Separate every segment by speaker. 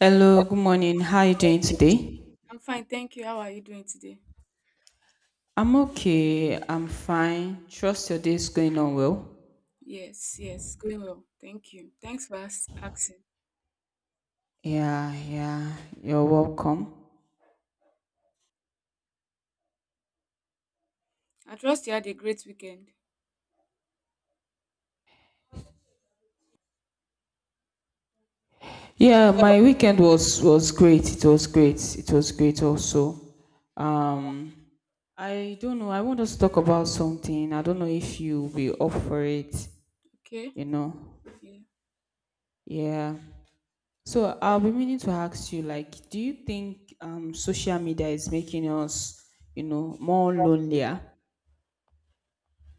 Speaker 1: Hello, good morning. How are you doing today?
Speaker 2: I'm fine, thank you. How are you doing today?
Speaker 1: I'm okay. I'm fine. Trust your day is going on well.
Speaker 2: Yes, yes, going well. Thank you. Thanks for asking.
Speaker 1: Yeah, yeah. You're welcome.
Speaker 2: I trust you had a great weekend.
Speaker 1: Yeah, my weekend was great. It was great. It was great also. Um, I don't know. I want us to talk about something. I don't know if you'll be up for it,
Speaker 2: Okay?
Speaker 1: you know.
Speaker 2: Yeah.
Speaker 1: Yeah. So I'll be meaning to ask you, like, do you think social media is making us, you know, more lonelier?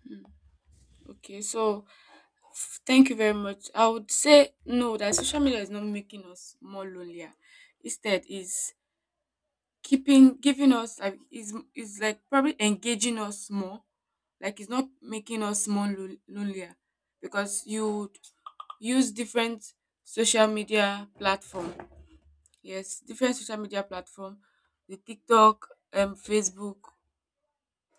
Speaker 2: Mm, okay, so thank you very much. I would say no, that social media is not making us more lonelier. Instead, is keeping giving us like is like probably engaging us more. Like it's not making us more lonelier because you would use different social media platform. Yes, different social media platform, the TikTok, Facebook,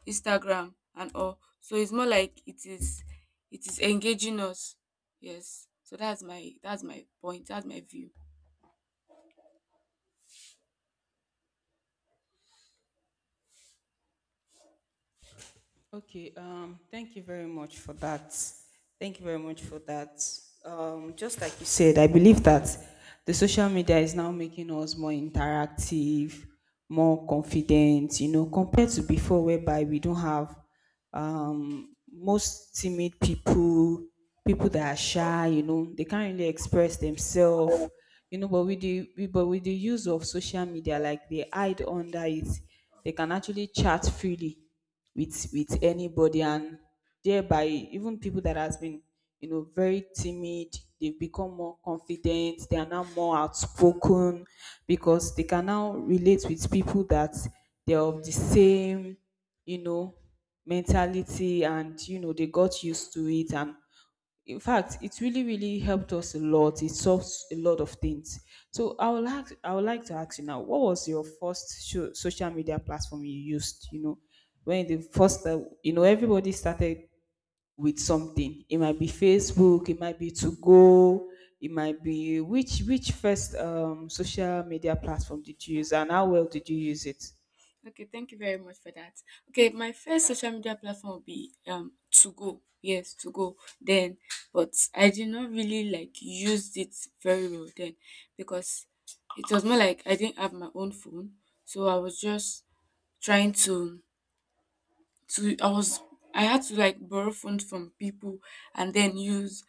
Speaker 2: Instagram, and all. So it's more like it is engaging us. Yes. So that's my point. That's my view.
Speaker 1: Okay, thank you very much for that. Thank you very much for that. Just like you said, I believe that the social media is now making us more interactive, more confident, you know, compared to before, whereby we don't have most timid people, people that are shy, you know, they can't really express themselves, you know, but but with the use of social media, like they hide under it, they can actually chat freely with anybody, and thereby even people that has been, you know, very timid, they've become more confident. They are now more outspoken because they can now relate with people that they're of the same, you know, mentality, and you know they got used to it. And in fact it really really helped us a lot. It solved a lot of things. So I would like to ask you now, what was your first social media platform you used, you know, when the first you know, everybody started with something. It might be Facebook, it might be To Go, it might be, which, first, social media platform did you use, and how well did you use it?
Speaker 2: Okay, thank you very much for that. Okay, my first social media platform would be to go. Yes, to go then, but I did not really like used it very well then because it was more like I didn't have my own phone, so I was just trying to. So I was I had to like borrow funds from people and then use,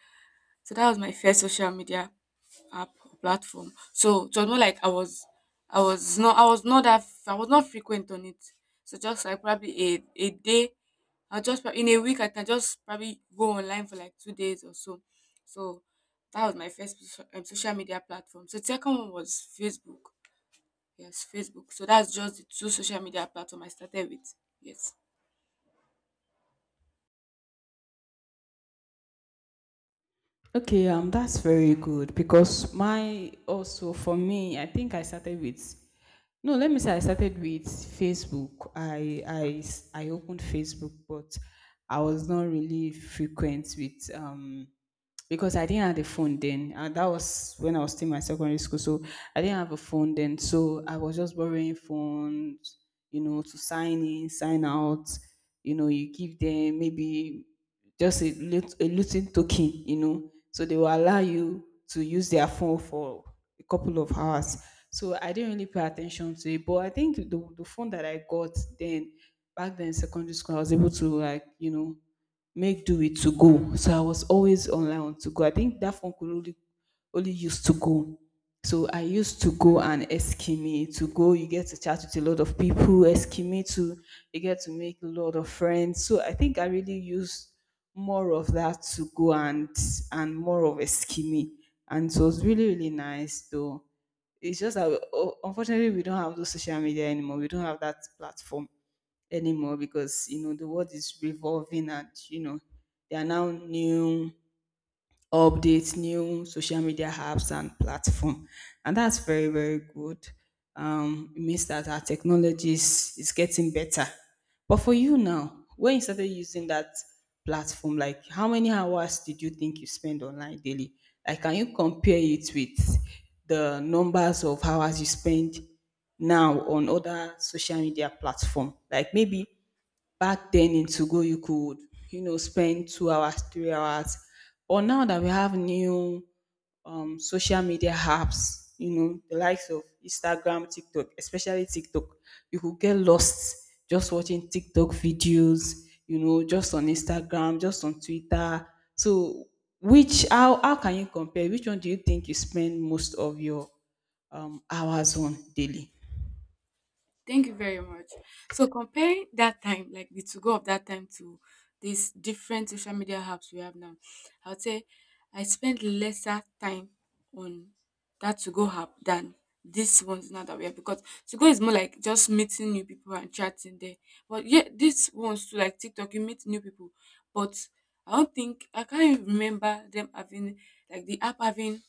Speaker 2: so that was my first social media app or platform. So it was not like I was not that I was not frequent on it. So just like probably a day I'll just in a week I can just probably go online for like 2 days or so. So that was my first social media platform. So second one was Facebook. Yes, Facebook. So that's just the two social media platform I started with. Yes.
Speaker 1: Okay, that's very good, because my, also for me, I think I started with, no, let me say I started with Facebook. I I opened Facebook, but I was not really frequent with, because I didn't have a phone then. And that was when I was still in my secondary school. So I didn't have a phone then. So I was just borrowing phones, you know, to sign in, sign out. You know, you give them maybe just a, a little token, you know, so they will allow you to use their phone for a couple of hours. So I didn't really pay attention to it. But I think the phone that I got then, back then in secondary school, I was able to, like, you know, make do with To Go. So I was always online on To Go. I think that phone could only use To Go. So I used To Go and Eskimi. To Go, you get to chat with a lot of people. Eskimi to you get to make a lot of friends. So I think I really used more of that To Go and more of Eskimi, and so it was really really nice though. It's just that unfortunately we don't have those social media anymore. We don't have that platform anymore, because you know the world is revolving, and you know there are now new updates, new social media apps and platform, and that's very very good. It means that our technology is getting better. But for you now, when you started using that platform, like how many hours did you think you spend online daily? Like, can you compare it with the numbers of hours you spend now on other social media platform? Like, maybe back then in Togo, you could, you know, spend 2 hours, 3 hours. But now that we have new, social media apps, you know, the likes of Instagram, TikTok, especially TikTok, you could get lost just watching TikTok videos, you know, just on Instagram, just on Twitter. So, which, how can you compare? Which one do you think you spend most of your, hours on daily?
Speaker 2: Thank you very much. So comparing that time, like the to go of that time to these different social media apps we have now, I would say I spent lesser time on that to go app than these ones now that we have because to go is more like just meeting new people and chatting there. But yeah, these ones too like TikTok, you meet new people. But I don't think I can't even remember them having like the app having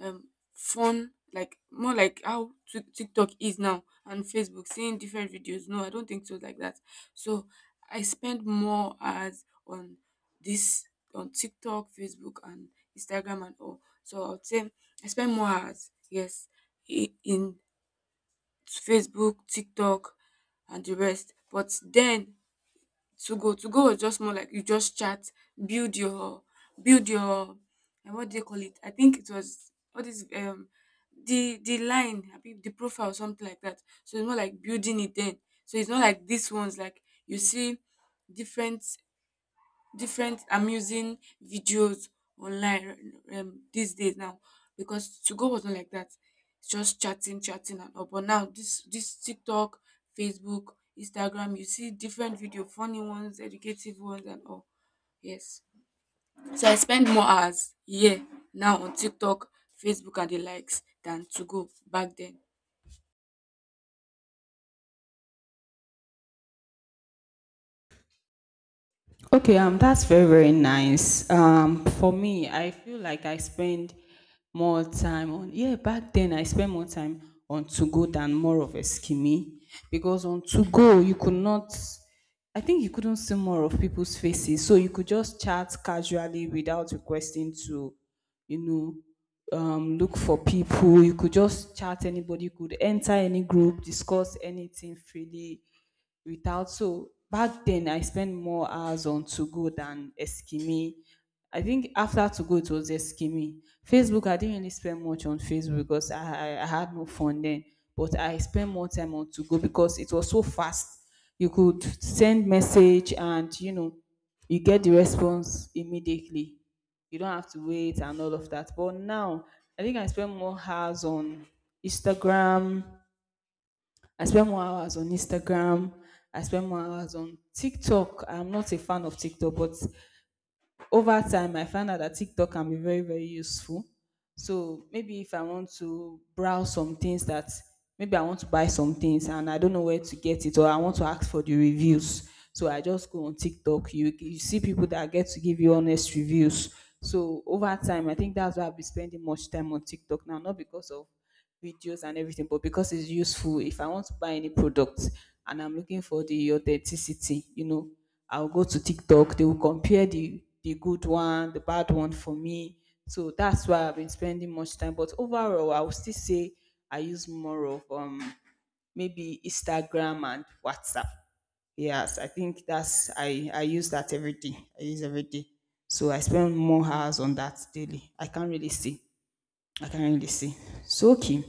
Speaker 2: fun, like more like how TikTok is now and Facebook, seeing different videos. No, I don't think so, like that. So I spend more hours on this, on TikTok, Facebook, and Instagram and all. So I would say I spend more hours, yes, in Facebook, TikTok, and the rest. But then to go was just more like you just chat, build your, build your, and what do they call it? I think it was, what is the line, abi the profile or something like that. So it's more like building it then. So it's not like this ones like you see different different amusing videos online, these days now, because to go was not like that. It's just chatting, chatting and all. But now this TikTok, Facebook, Instagram, you see different video, funny ones, educative ones and all. Yes. So I spend more hours, yeah, now on TikTok, Facebook and the likes than to go back then.
Speaker 1: Okay, that's very, very nice. For me, I feel like I spend more time on, yeah, back then I spent more time on To Go than more of a skimmy because on To Go you could not, I think you couldn't see more of people's faces, so you could just chat casually without requesting to, you know, look for people. You could just chat anybody. You could enter any group, discuss anything freely without. So back then, I spent more hours on To Go than Eskimi. I think after To Go, it was Eskimi. Facebook, I didn't really spend much on Facebook because I had no fun then. But I spent more time on To Go because it was so fast. You could send message and, you know, you get the response immediately. You don't have to wait and all of that. But now, I think I spend more hours on Instagram, I spend more hours on Instagram. I spend more hours on TikTok. I'm not a fan of TikTok, but over time, I found out that TikTok can be very, very useful. So maybe if I want to browse some things that, maybe I want to buy some things and I don't know where to get it, or I want to ask for the reviews. So I just go on TikTok. You see people that get to give you honest reviews. So over time, I think that's why I've been spending much time on TikTok now, not because of videos and everything, but because it's useful. If I want to buy any product and I'm looking for the authenticity, you know, I'll go to TikTok. They will compare the good one, the bad one for me. So that's why I've been spending much time. But overall, I would still say I use more of, maybe Instagram and WhatsApp. Yes, I think that's, I use that every day. I use every day. So I spend more hours on that daily. I can't really see. I can't really see. So okay.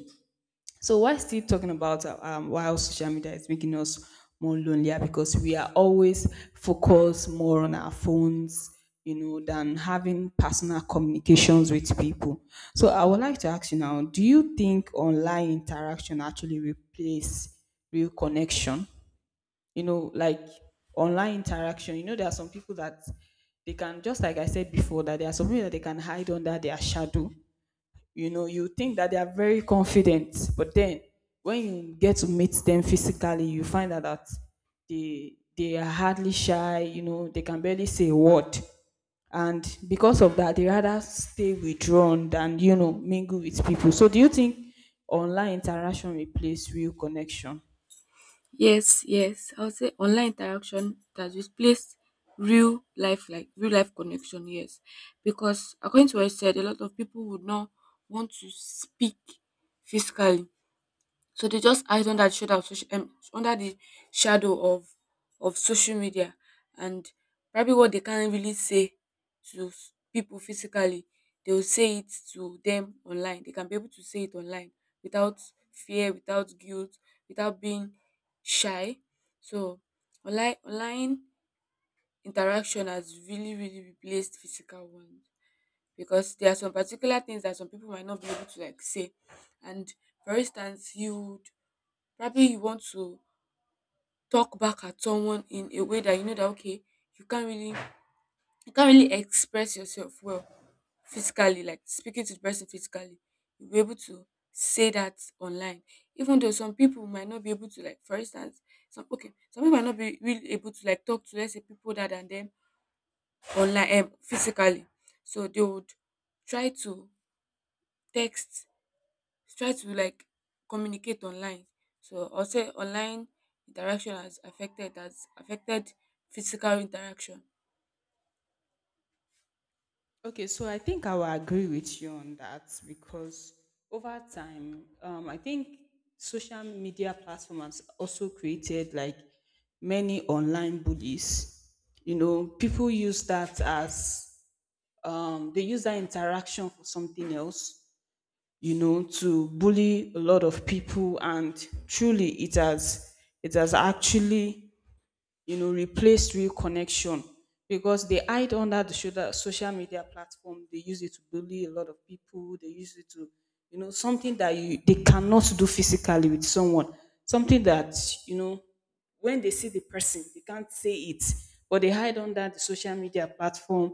Speaker 1: So why still talking about, why social media is making us more lonelier, because we are always focused more on our phones, you know, than having personal communications with people. So I would like to ask you now, do you think online interaction actually replace real connection? You know, like online interaction, you know, there are some people that, they can just, like I said before, that there are some people that they can hide under their shadow. You know, you think that they are very confident, but then when you get to meet them physically, you find out that they are hardly shy. You know, they can barely say a word, and because of that they rather stay withdrawn than, you know, mingle with people. So do you think online interaction replace real connection?
Speaker 2: Yes, yes. I would say online interaction that replace real life, like real life connection. Yes, because according to what I said, a lot of people would not want to speak physically, so they just hide under the shadow of social under the shadow of social media, and probably what they can't really say to people physically, they will say it to them online. They can be able to say it online without fear, without guilt, without being shy. So online interaction has really, really replaced physical ones because there are some particular things that some people might not be able to like say. And for instance, you. Probably you want to talk back at someone in a way that you know that okay, you can't really you can't really express yourself well physically, like speaking to the person physically. You'll be able to say that online. Even though some people might not be able to, like, for instance, some okay, some people might not be really able to like talk to, let's say, people that and them online, physically. So they would try to text, try to like communicate online. So I'll say online interaction has affected physical interaction.
Speaker 1: Okay, so I think I will agree with you on that, because over time, I think social media platforms also created, like, many online bullies. You know, people use that as, they use that interaction for something else. You know, to bully a lot of people, and truly, it has actually, you know, replace real connection, because they hide under the shoulder social media platform. They use it to bully a lot of people. They use it to, you know, something that you, they cannot do physically with someone. Something that, you know, when they see the person, they can't say it, but they hide under the social media platform,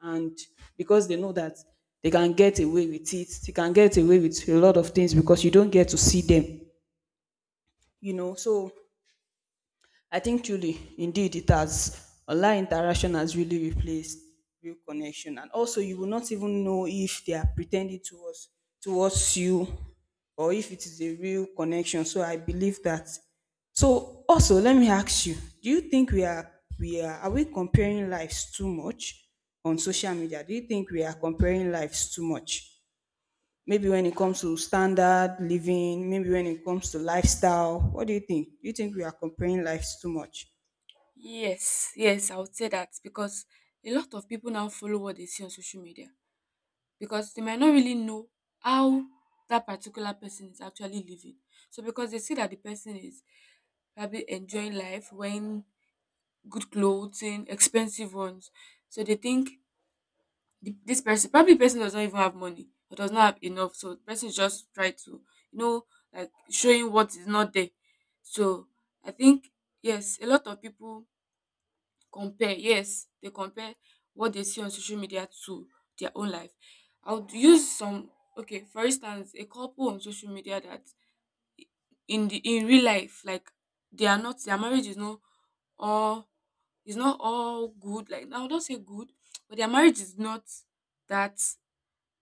Speaker 1: and because they know that they can get away with it, they can get away with a lot of things because you don't get to see them. You know, so I think, truly, indeed, it has, online interaction has really replaced real connection, and also you will not even know if they are pretending towards you, or if it is a real connection. So I believe that. So also, let me ask you: do you think we are are we comparing lives too much on social media? Do you think we are comparing lives too much? Maybe when it comes to standard living, maybe when it comes to lifestyle, what do you think? Do you think we are comparing lives too much?
Speaker 2: Yes, yes, I would say that because a lot of people now follow what they see on social media because they might not really know how that particular person is actually living. So because they see that the person is probably enjoying life wearing good clothing, expensive ones. So they think this person, probably the person does not even have money or does not have enough, so the person just try to, you know, like showing what is not there. So I think yes, a lot of people compare. Yes, they compare what they see on social media to their own life. I would use some. Okay, for instance, a couple on social media, that in real life, like, they are not, their marriage is not all, is not all good. Like, I would not say good, but their marriage is not that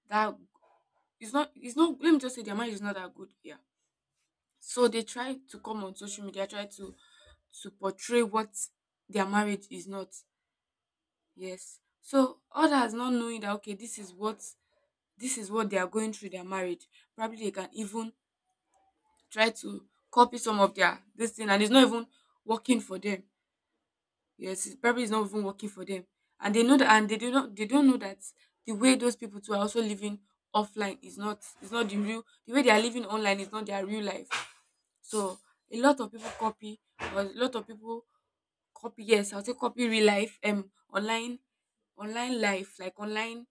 Speaker 2: that it's not, it's not, let me just say their marriage is not that good, yeah. So they try to come on social media, try to portray what their marriage is not. Yes, so others not knowing that okay, this is what they are going through their marriage. Probably they can even try to copy some of their this thing, and it's not even working for them. Yes, it probably is not even working for them, and they know that. And they do not they don't know that the way those people too are also living offline is not, is not the real, the way they are living online is not their real life. So a lot of people copy, or a lot of people copy. Yes, I'll say copy real life, online, online life, like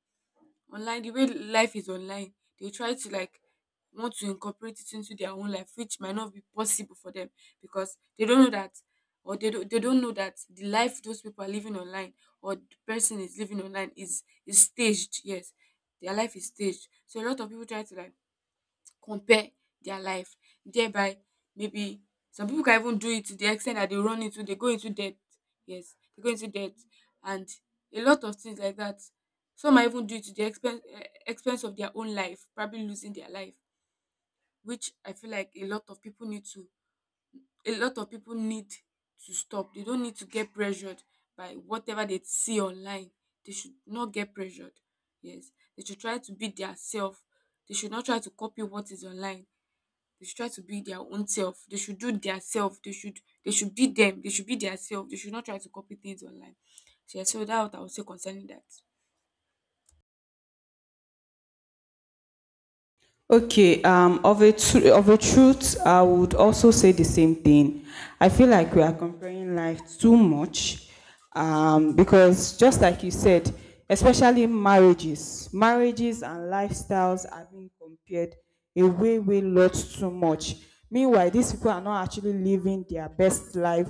Speaker 2: online, the way life is online. They try to like want to incorporate it into their own life, which might not be possible for them because they don't know that, or they don't know that the life those people are living online or the person is living online is staged. Yes, their life is staged. So a lot of people try to like compare their life, thereby maybe some people can even do it to the extent that they go into debt. Yes, they go into debt, and a lot of things like that. Some might even do it to the expense, expense of their own life, probably losing their life, which I feel like a lot of people need to stop. They don't need to get pressured by whatever they see online. They should not get pressured. Yes, they should try to be their self. They should not try to copy what is online. They should try to be their own self. They should do their self. They should be them. They should be their self. They should not try to copy things online. So, yeah, so that's what I would say concerning that.
Speaker 1: Okay, of a of a truth, I would also say the same thing. I feel like we are comparing life too much, because just like you said, especially marriages, marriages and lifestyles are being compared a way lot too much. Meanwhile, these people are not actually living their best life.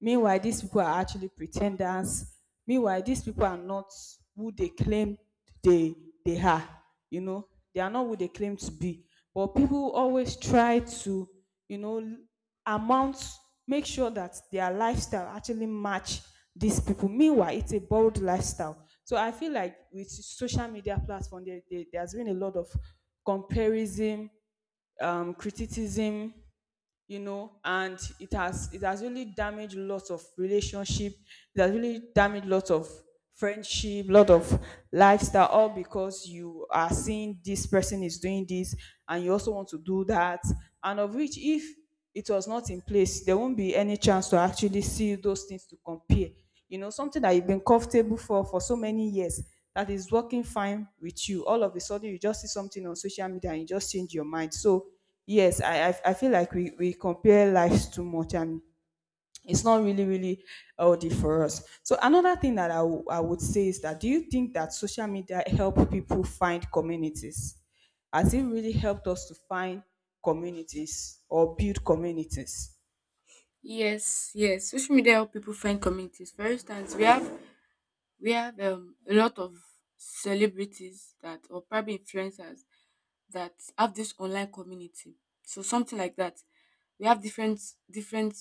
Speaker 1: Meanwhile, these people are actually pretenders. Meanwhile, these people are not who they claim they they are. You know, they are not who they claim to be. But people always try to, you know, amount, make sure that their lifestyle actually match these people. Meanwhile, it's a borrowed lifestyle. So I feel like with social media platform, there's been a lot of comparison, criticism, and it has really damaged lots of relationship. It has really damaged lots of friendship, lot of lifestyle, all because you are seeing this person is doing this and you also want to do that. And of which, if it was not in place, there won't be any chance to actually see those things to compare. You know, something that you've been comfortable for so many years, that is working fine with you, all of a sudden you just see something on social media and you just change your mind. So yes, I feel like we compare lives too much, and it's not really healthy for us. So another thing that I would say is that, do you think that social media help people find communities? Has it really helped us to find communities or build communities?
Speaker 2: Yes, yes. Social media help people find communities. For instance, we have a lot of celebrities that, or probably influencers, that have this online community. So something like that. We have different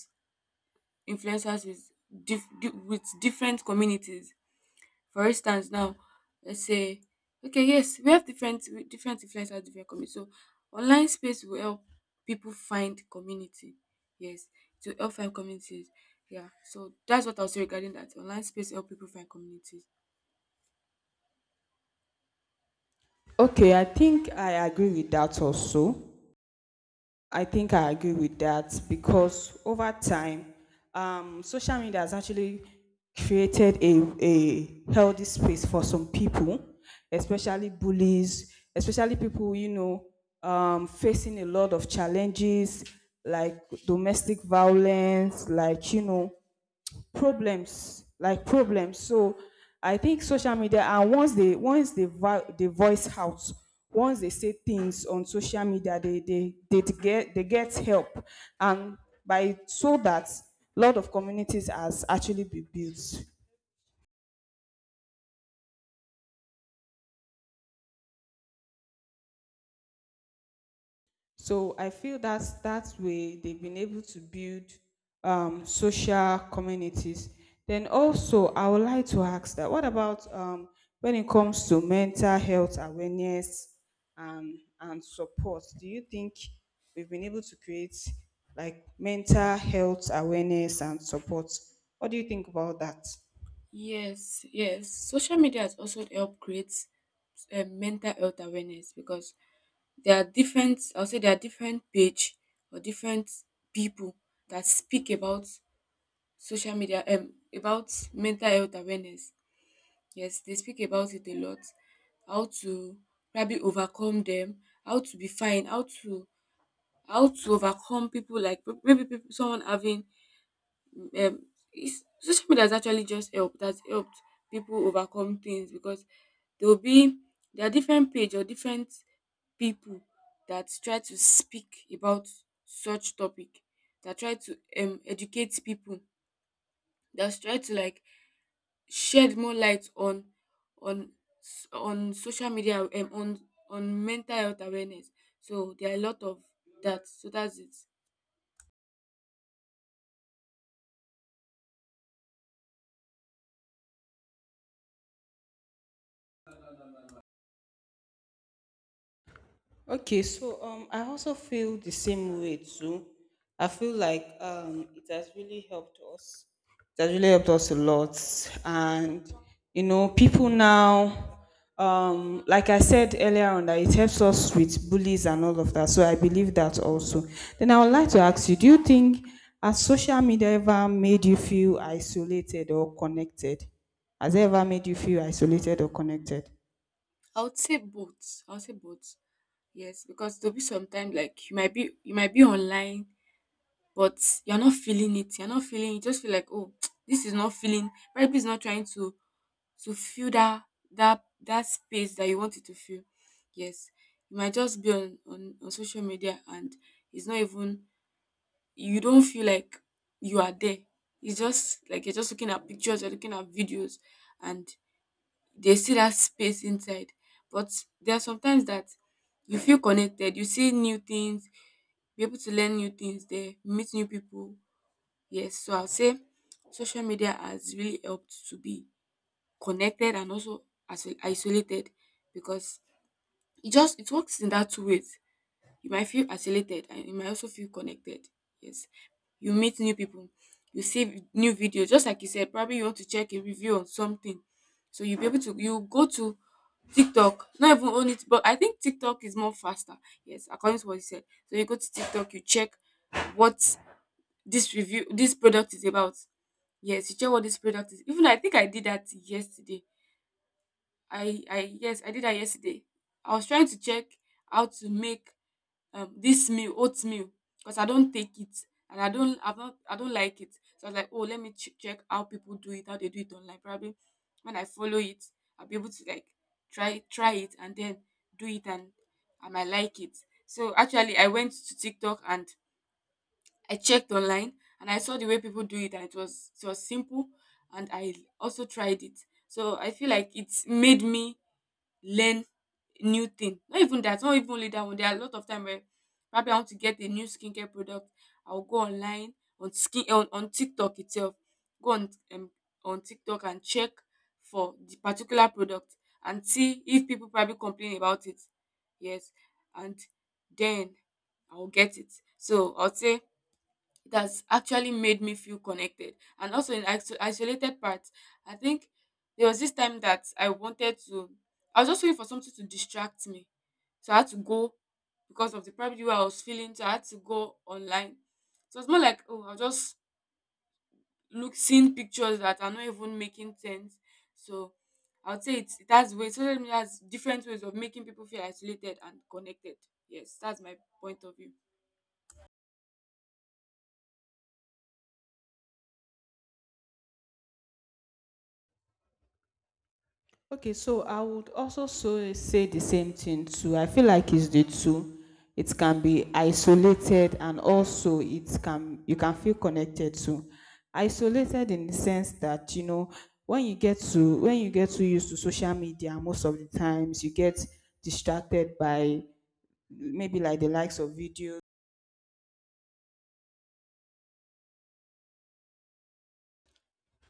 Speaker 2: influencers with with different communities. For instance now, let's say okay, yes, we have different influencers, different community. So online space will help people find community. Yes, to help find communities. Yeah. So that's what I'll say regarding that. Online space help people find communities.
Speaker 1: Okay, I think I agree with that also. I think I agree with that because over time, social media has actually created a healthy space for some people, especially bullies, especially people, you know, facing a lot of challenges like domestic violence, like, you know, problems. So I think social media, and once they voice out, once they say things on social media, they get help. And by so, that a lot of communities has actually been built. So I feel that's way they've been able to build, social communities. Then also, I would like to ask that what about, when it comes to mental health awareness and support? Do you think we've been able to create like mental health awareness and support? What do you think about that?
Speaker 2: Yes, yes. Social media has also helped create mental health awareness because there are different, I'll say there are different page or different people that speak about social media about mental health awareness. Yes, they speak about it a lot. How to probably overcome them, how to be fine, how to, how to overcome people, like, maybe people, someone having um social media has actually just helped, has helped people overcome things because there will be there are different page or different people that try to speak about such topic, that try to educate people, that try to like shed more light on on on social media, on mental health awareness. So there are a lot of that. So that's it.
Speaker 1: Okay, so I also feel the same way too. I feel like it has really helped us. It has really helped us a lot, and you know, people now, like I said earlier on, that it helps us with bullies and all of that. So I believe that also. Then I would like to ask you, do you think, has social media ever made you feel isolated or connected? Has it ever made you feel isolated or connected?
Speaker 2: I would say both. I would say both. Yes, because there'll be sometimes like you might be online, but you're not feeling it. You're not feeling. You just feel like oh, this is not feeling. Probably is not trying to feel that that space that you want it to feel. Yes, you might just be on social media, and it's not even you don't feel like you are there. It's just like you're just looking at pictures, you're looking at videos, and there's still that space inside. But there are sometimes that you feel connected, you see new things, be able to learn new things there, meet new people. Yes, so I'll say social media has really helped to be connected and also as isolated because it just it works in that two ways. You might feel isolated and you might also feel connected. Yes. You meet new people. You see new videos. Just like you said, probably you want to check a review on something. So you'll be able to you go to TikTok. Not even on it, but I think TikTok is more faster. Yes, according to what you said. So you go to TikTok, you check what this review this product is about. Yes, you check what this product is. Even I think I did that yesterday. I yes, I did that yesterday. I was trying to check how to make this meal, oatmeal, because I don't take it and I don't, I've not, I don't like it. So I was like, oh, let me check how people do it, how they do it online. Probably when I follow it, I'll be able to like try it and then do it, and I might like it. So actually, I went to TikTok and I checked online, and I saw the way people do it, and it was simple, and I also tried it. So I feel like it's made me learn new thing. Not even that, not even only that one. There are a lot of time where probably I want to get a new skincare product. I'll go online on TikTok itself. Go on TikTok and check for the particular product and see if people probably complain about it. Yes. And then I'll get it. So I'll say it has actually made me feel connected. And also in isolated parts, I think there was this time that I wanted to, I was just waiting for something to distract me. So I had to go because of the private way I was feeling. So I had to go online. So it's more like, oh, I'll just look, seeing pictures that are not even making sense. So I would say it has ways, social media has different ways of making people feel isolated and connected. Yes, that's my point of view.
Speaker 1: Okay, so I would also so say the same thing too. I feel like it's the two. It can be isolated, and also it can, you can feel connected to. Isolated in the sense that, you know, when you get to, when you get too used to social media, most of the times you get distracted by maybe like the likes of videos,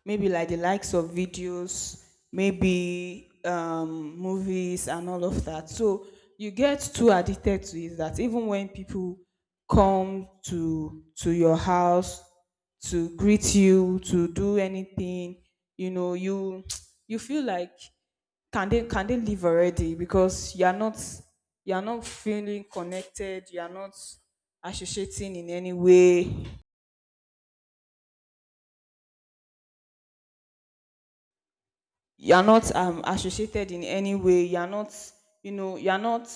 Speaker 1: maybe like the likes of videos, maybe movies and all of that. So you get too addicted to it that even when people come to your house to greet you, to do anything, you know, you feel like, can they leave already, because you are not, you are not feeling connected, you are not associating in any way, you are not associated in any way, you are not, you know, you are not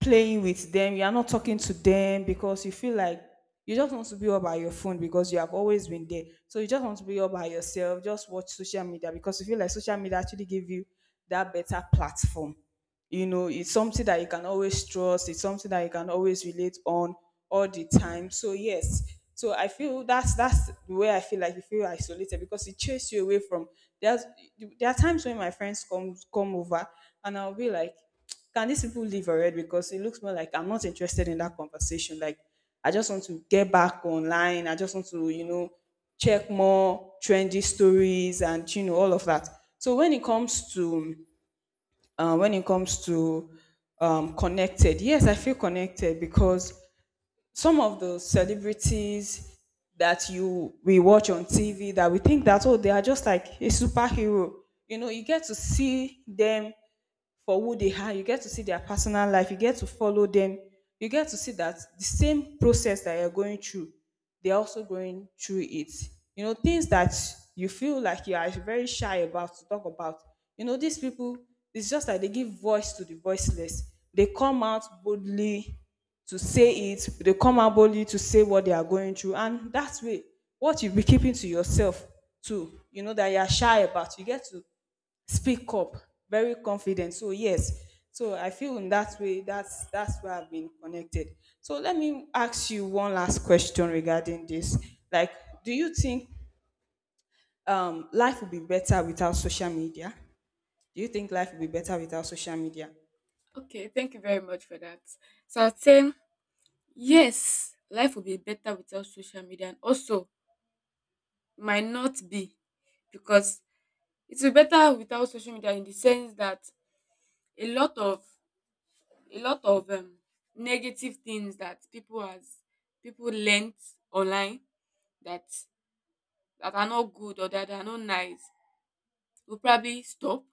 Speaker 1: playing with them, you are not talking to them because you feel like you just want to be all by your phone because you have always been there. So you just want to be all by yourself, just watch social media, because you feel like social media actually give you that better platform. You know, it's something that you can always trust, it's something that you can always relate on all the time. So yes, so I feel that's the way I feel like you feel isolated because it chased you away from. There's, there are times when my friends come over and I'll be like, can these people leave already, because it looks more like I'm not interested in that conversation, like I just want to get back online, I just want to, you know, check more trendy stories and you know all of that. So when it comes to, when it comes to, connected. Yes, I feel connected because some of the celebrities that you we watch on TV, that we think that, oh, they are just like a superhero. You know, you get to see them for who they are. You get to see their personal life. You get to follow them. You get to see that the same process that you're going through, they're also going through it. You know, things that you feel like you are very shy about to talk about. You know, these people, it's just like they give voice to the voiceless. They come out boldly to say it, they come out boldly to say what they are going through. And that way, what you've been keeping to yourself too, you know, that you're shy about, you get to speak up very confident. So yes, so I feel in that way, that's where I've been connected. So let me ask you one last question regarding this, like, do you think, life would be better without social media? Do you think life would be better without social media?
Speaker 2: Okay, thank you very much for that. So I'd say yes, life will be better without social media, and also it might not be because it will be better without social media in the sense that a lot of a lot of negative things that people has people learnt online that that are not good or that are not nice will probably stop,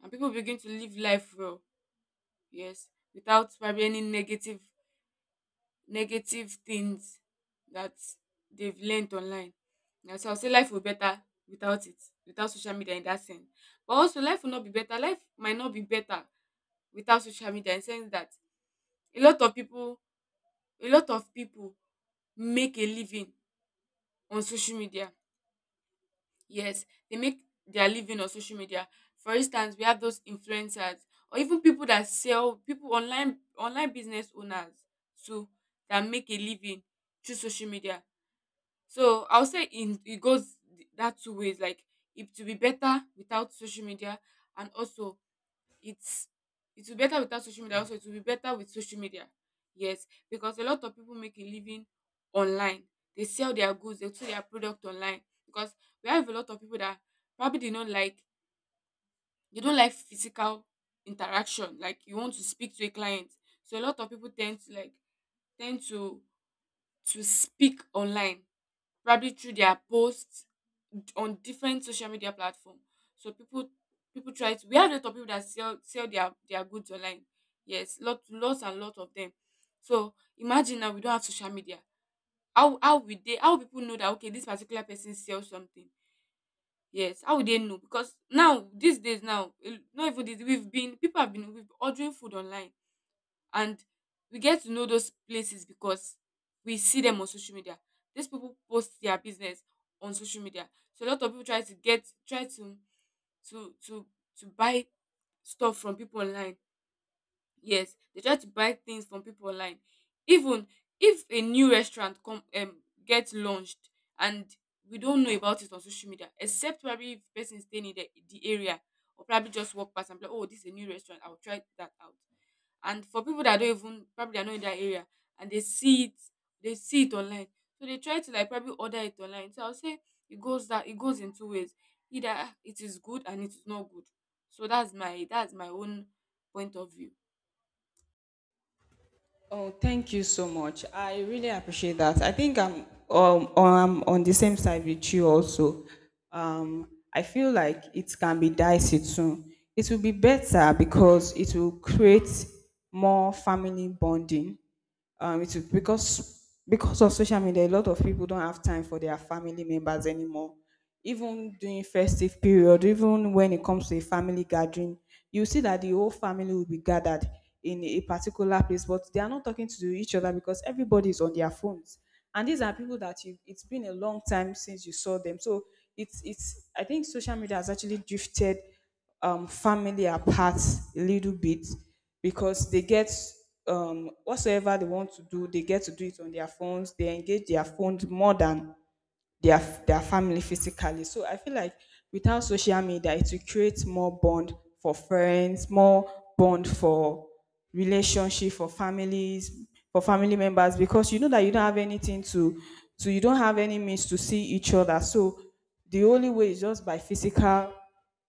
Speaker 2: and people begin to live life well. Yes, without probably any negative things that they've learned online. Yeah, so I'll say life will be better without it, without social media in that sense. But also life will not be better. Life might not be better without social media in the sense that a lot of people a lot of people make a living on social media. Yes, they make their living on social media. For instance, we have those influencers or even people that sell people online business owners too that make a living through social media. So I'll say in it goes that two ways. Like it to be better without social media, and also it's it will be better without social media. Also, it will be better with social media. Yes, because a lot of people make a living online. They sell their goods, they sell their product online. Because we have a lot of people that probably they don't like physical interaction. Like you want to speak to a client, so a lot of people tend to to speak online probably through their posts on different social media platform. So people try to we have a lot of people that sell their goods online. Yes, lot lots and lot of them. So imagine now we don't have social media. How will people know that okay this particular person sells something? Yes, how would they know? Because now these days now eh, not even this we've been people have been we've been ordering food online, and we get to know those places because we see them on social media. These people post their business on social media, so a lot of people try to get try to to to to buy stuff from people online. Yes, they try to buy things from people online. Even if a new restaurant come gets launched and we don't know about it on social media, except probably if person is staying in the area, or probably just walk past and be like, oh, this is a new restaurant. I'll try that out. And for people that don't even probably are not in that area and they see it online. So they try to like probably order it online. So I'll say it goes in two ways. Either it is good and it is not good. So that's my own point of view.
Speaker 1: Oh, thank you so much. I really appreciate that. I think I'm on the same side with you also. I feel like it can be dicey too. It will be better because it will create more family bonding. It's because of social media, a lot of people don't have time for their family members anymore. Even during festive period, even when it comes to a family gathering, you see that the whole family will be gathered in a particular place, but they are not talking to each other because everybody is on their phones. And these are people that you, it's been a long time since you saw them. So it's, I think social media has actually drifted family apart a little bit, because they get whatsoever they want to do, they get to do it on their phones. They engage their phones more than their family physically. So I feel like without social media, it will create more bond for friends, more bond for relationship, for families, for family members, because you know that you don't have anything to, you don't have any means to see each other. So the only way is just by physical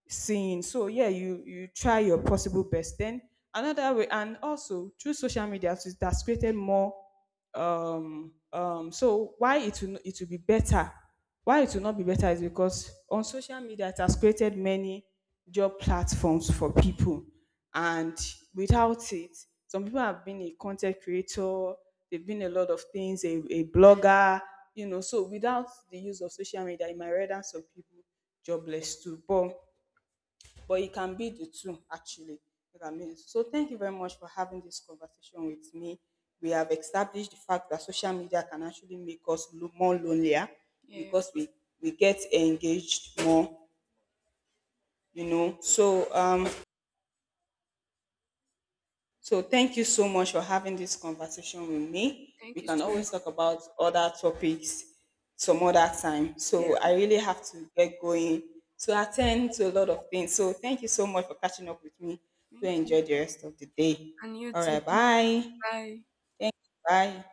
Speaker 1: seeing. So yeah, you try your possible best. Then another way, and also through social media, so that's created more. So why it will, it will be better? Why it will not be better is because on social media it has created many job platforms for people, and without it, some people have been a content creator. They've been a lot of things, a blogger, you know. So without the use of social media, it might render some people jobless too. But it can be the two actually. You can be the two. So thank you very much for having this conversation with me. We have established the fact that social media can actually make us look more lonelier
Speaker 2: Yeah.
Speaker 1: because we get engaged more, you know. So so thank you so much for having this conversation with me.
Speaker 2: Thank
Speaker 1: We
Speaker 2: you
Speaker 1: can
Speaker 2: so much.
Speaker 1: always talk about other topics some other time.
Speaker 2: Yeah.
Speaker 1: So I really have to get going to attend to a lot of things. So thank you so much for catching up with me. Do
Speaker 2: Thank you.
Speaker 1: enjoy the rest of the day.
Speaker 2: And you
Speaker 1: All
Speaker 2: too.
Speaker 1: right, bye.
Speaker 2: Bye.
Speaker 1: Bye.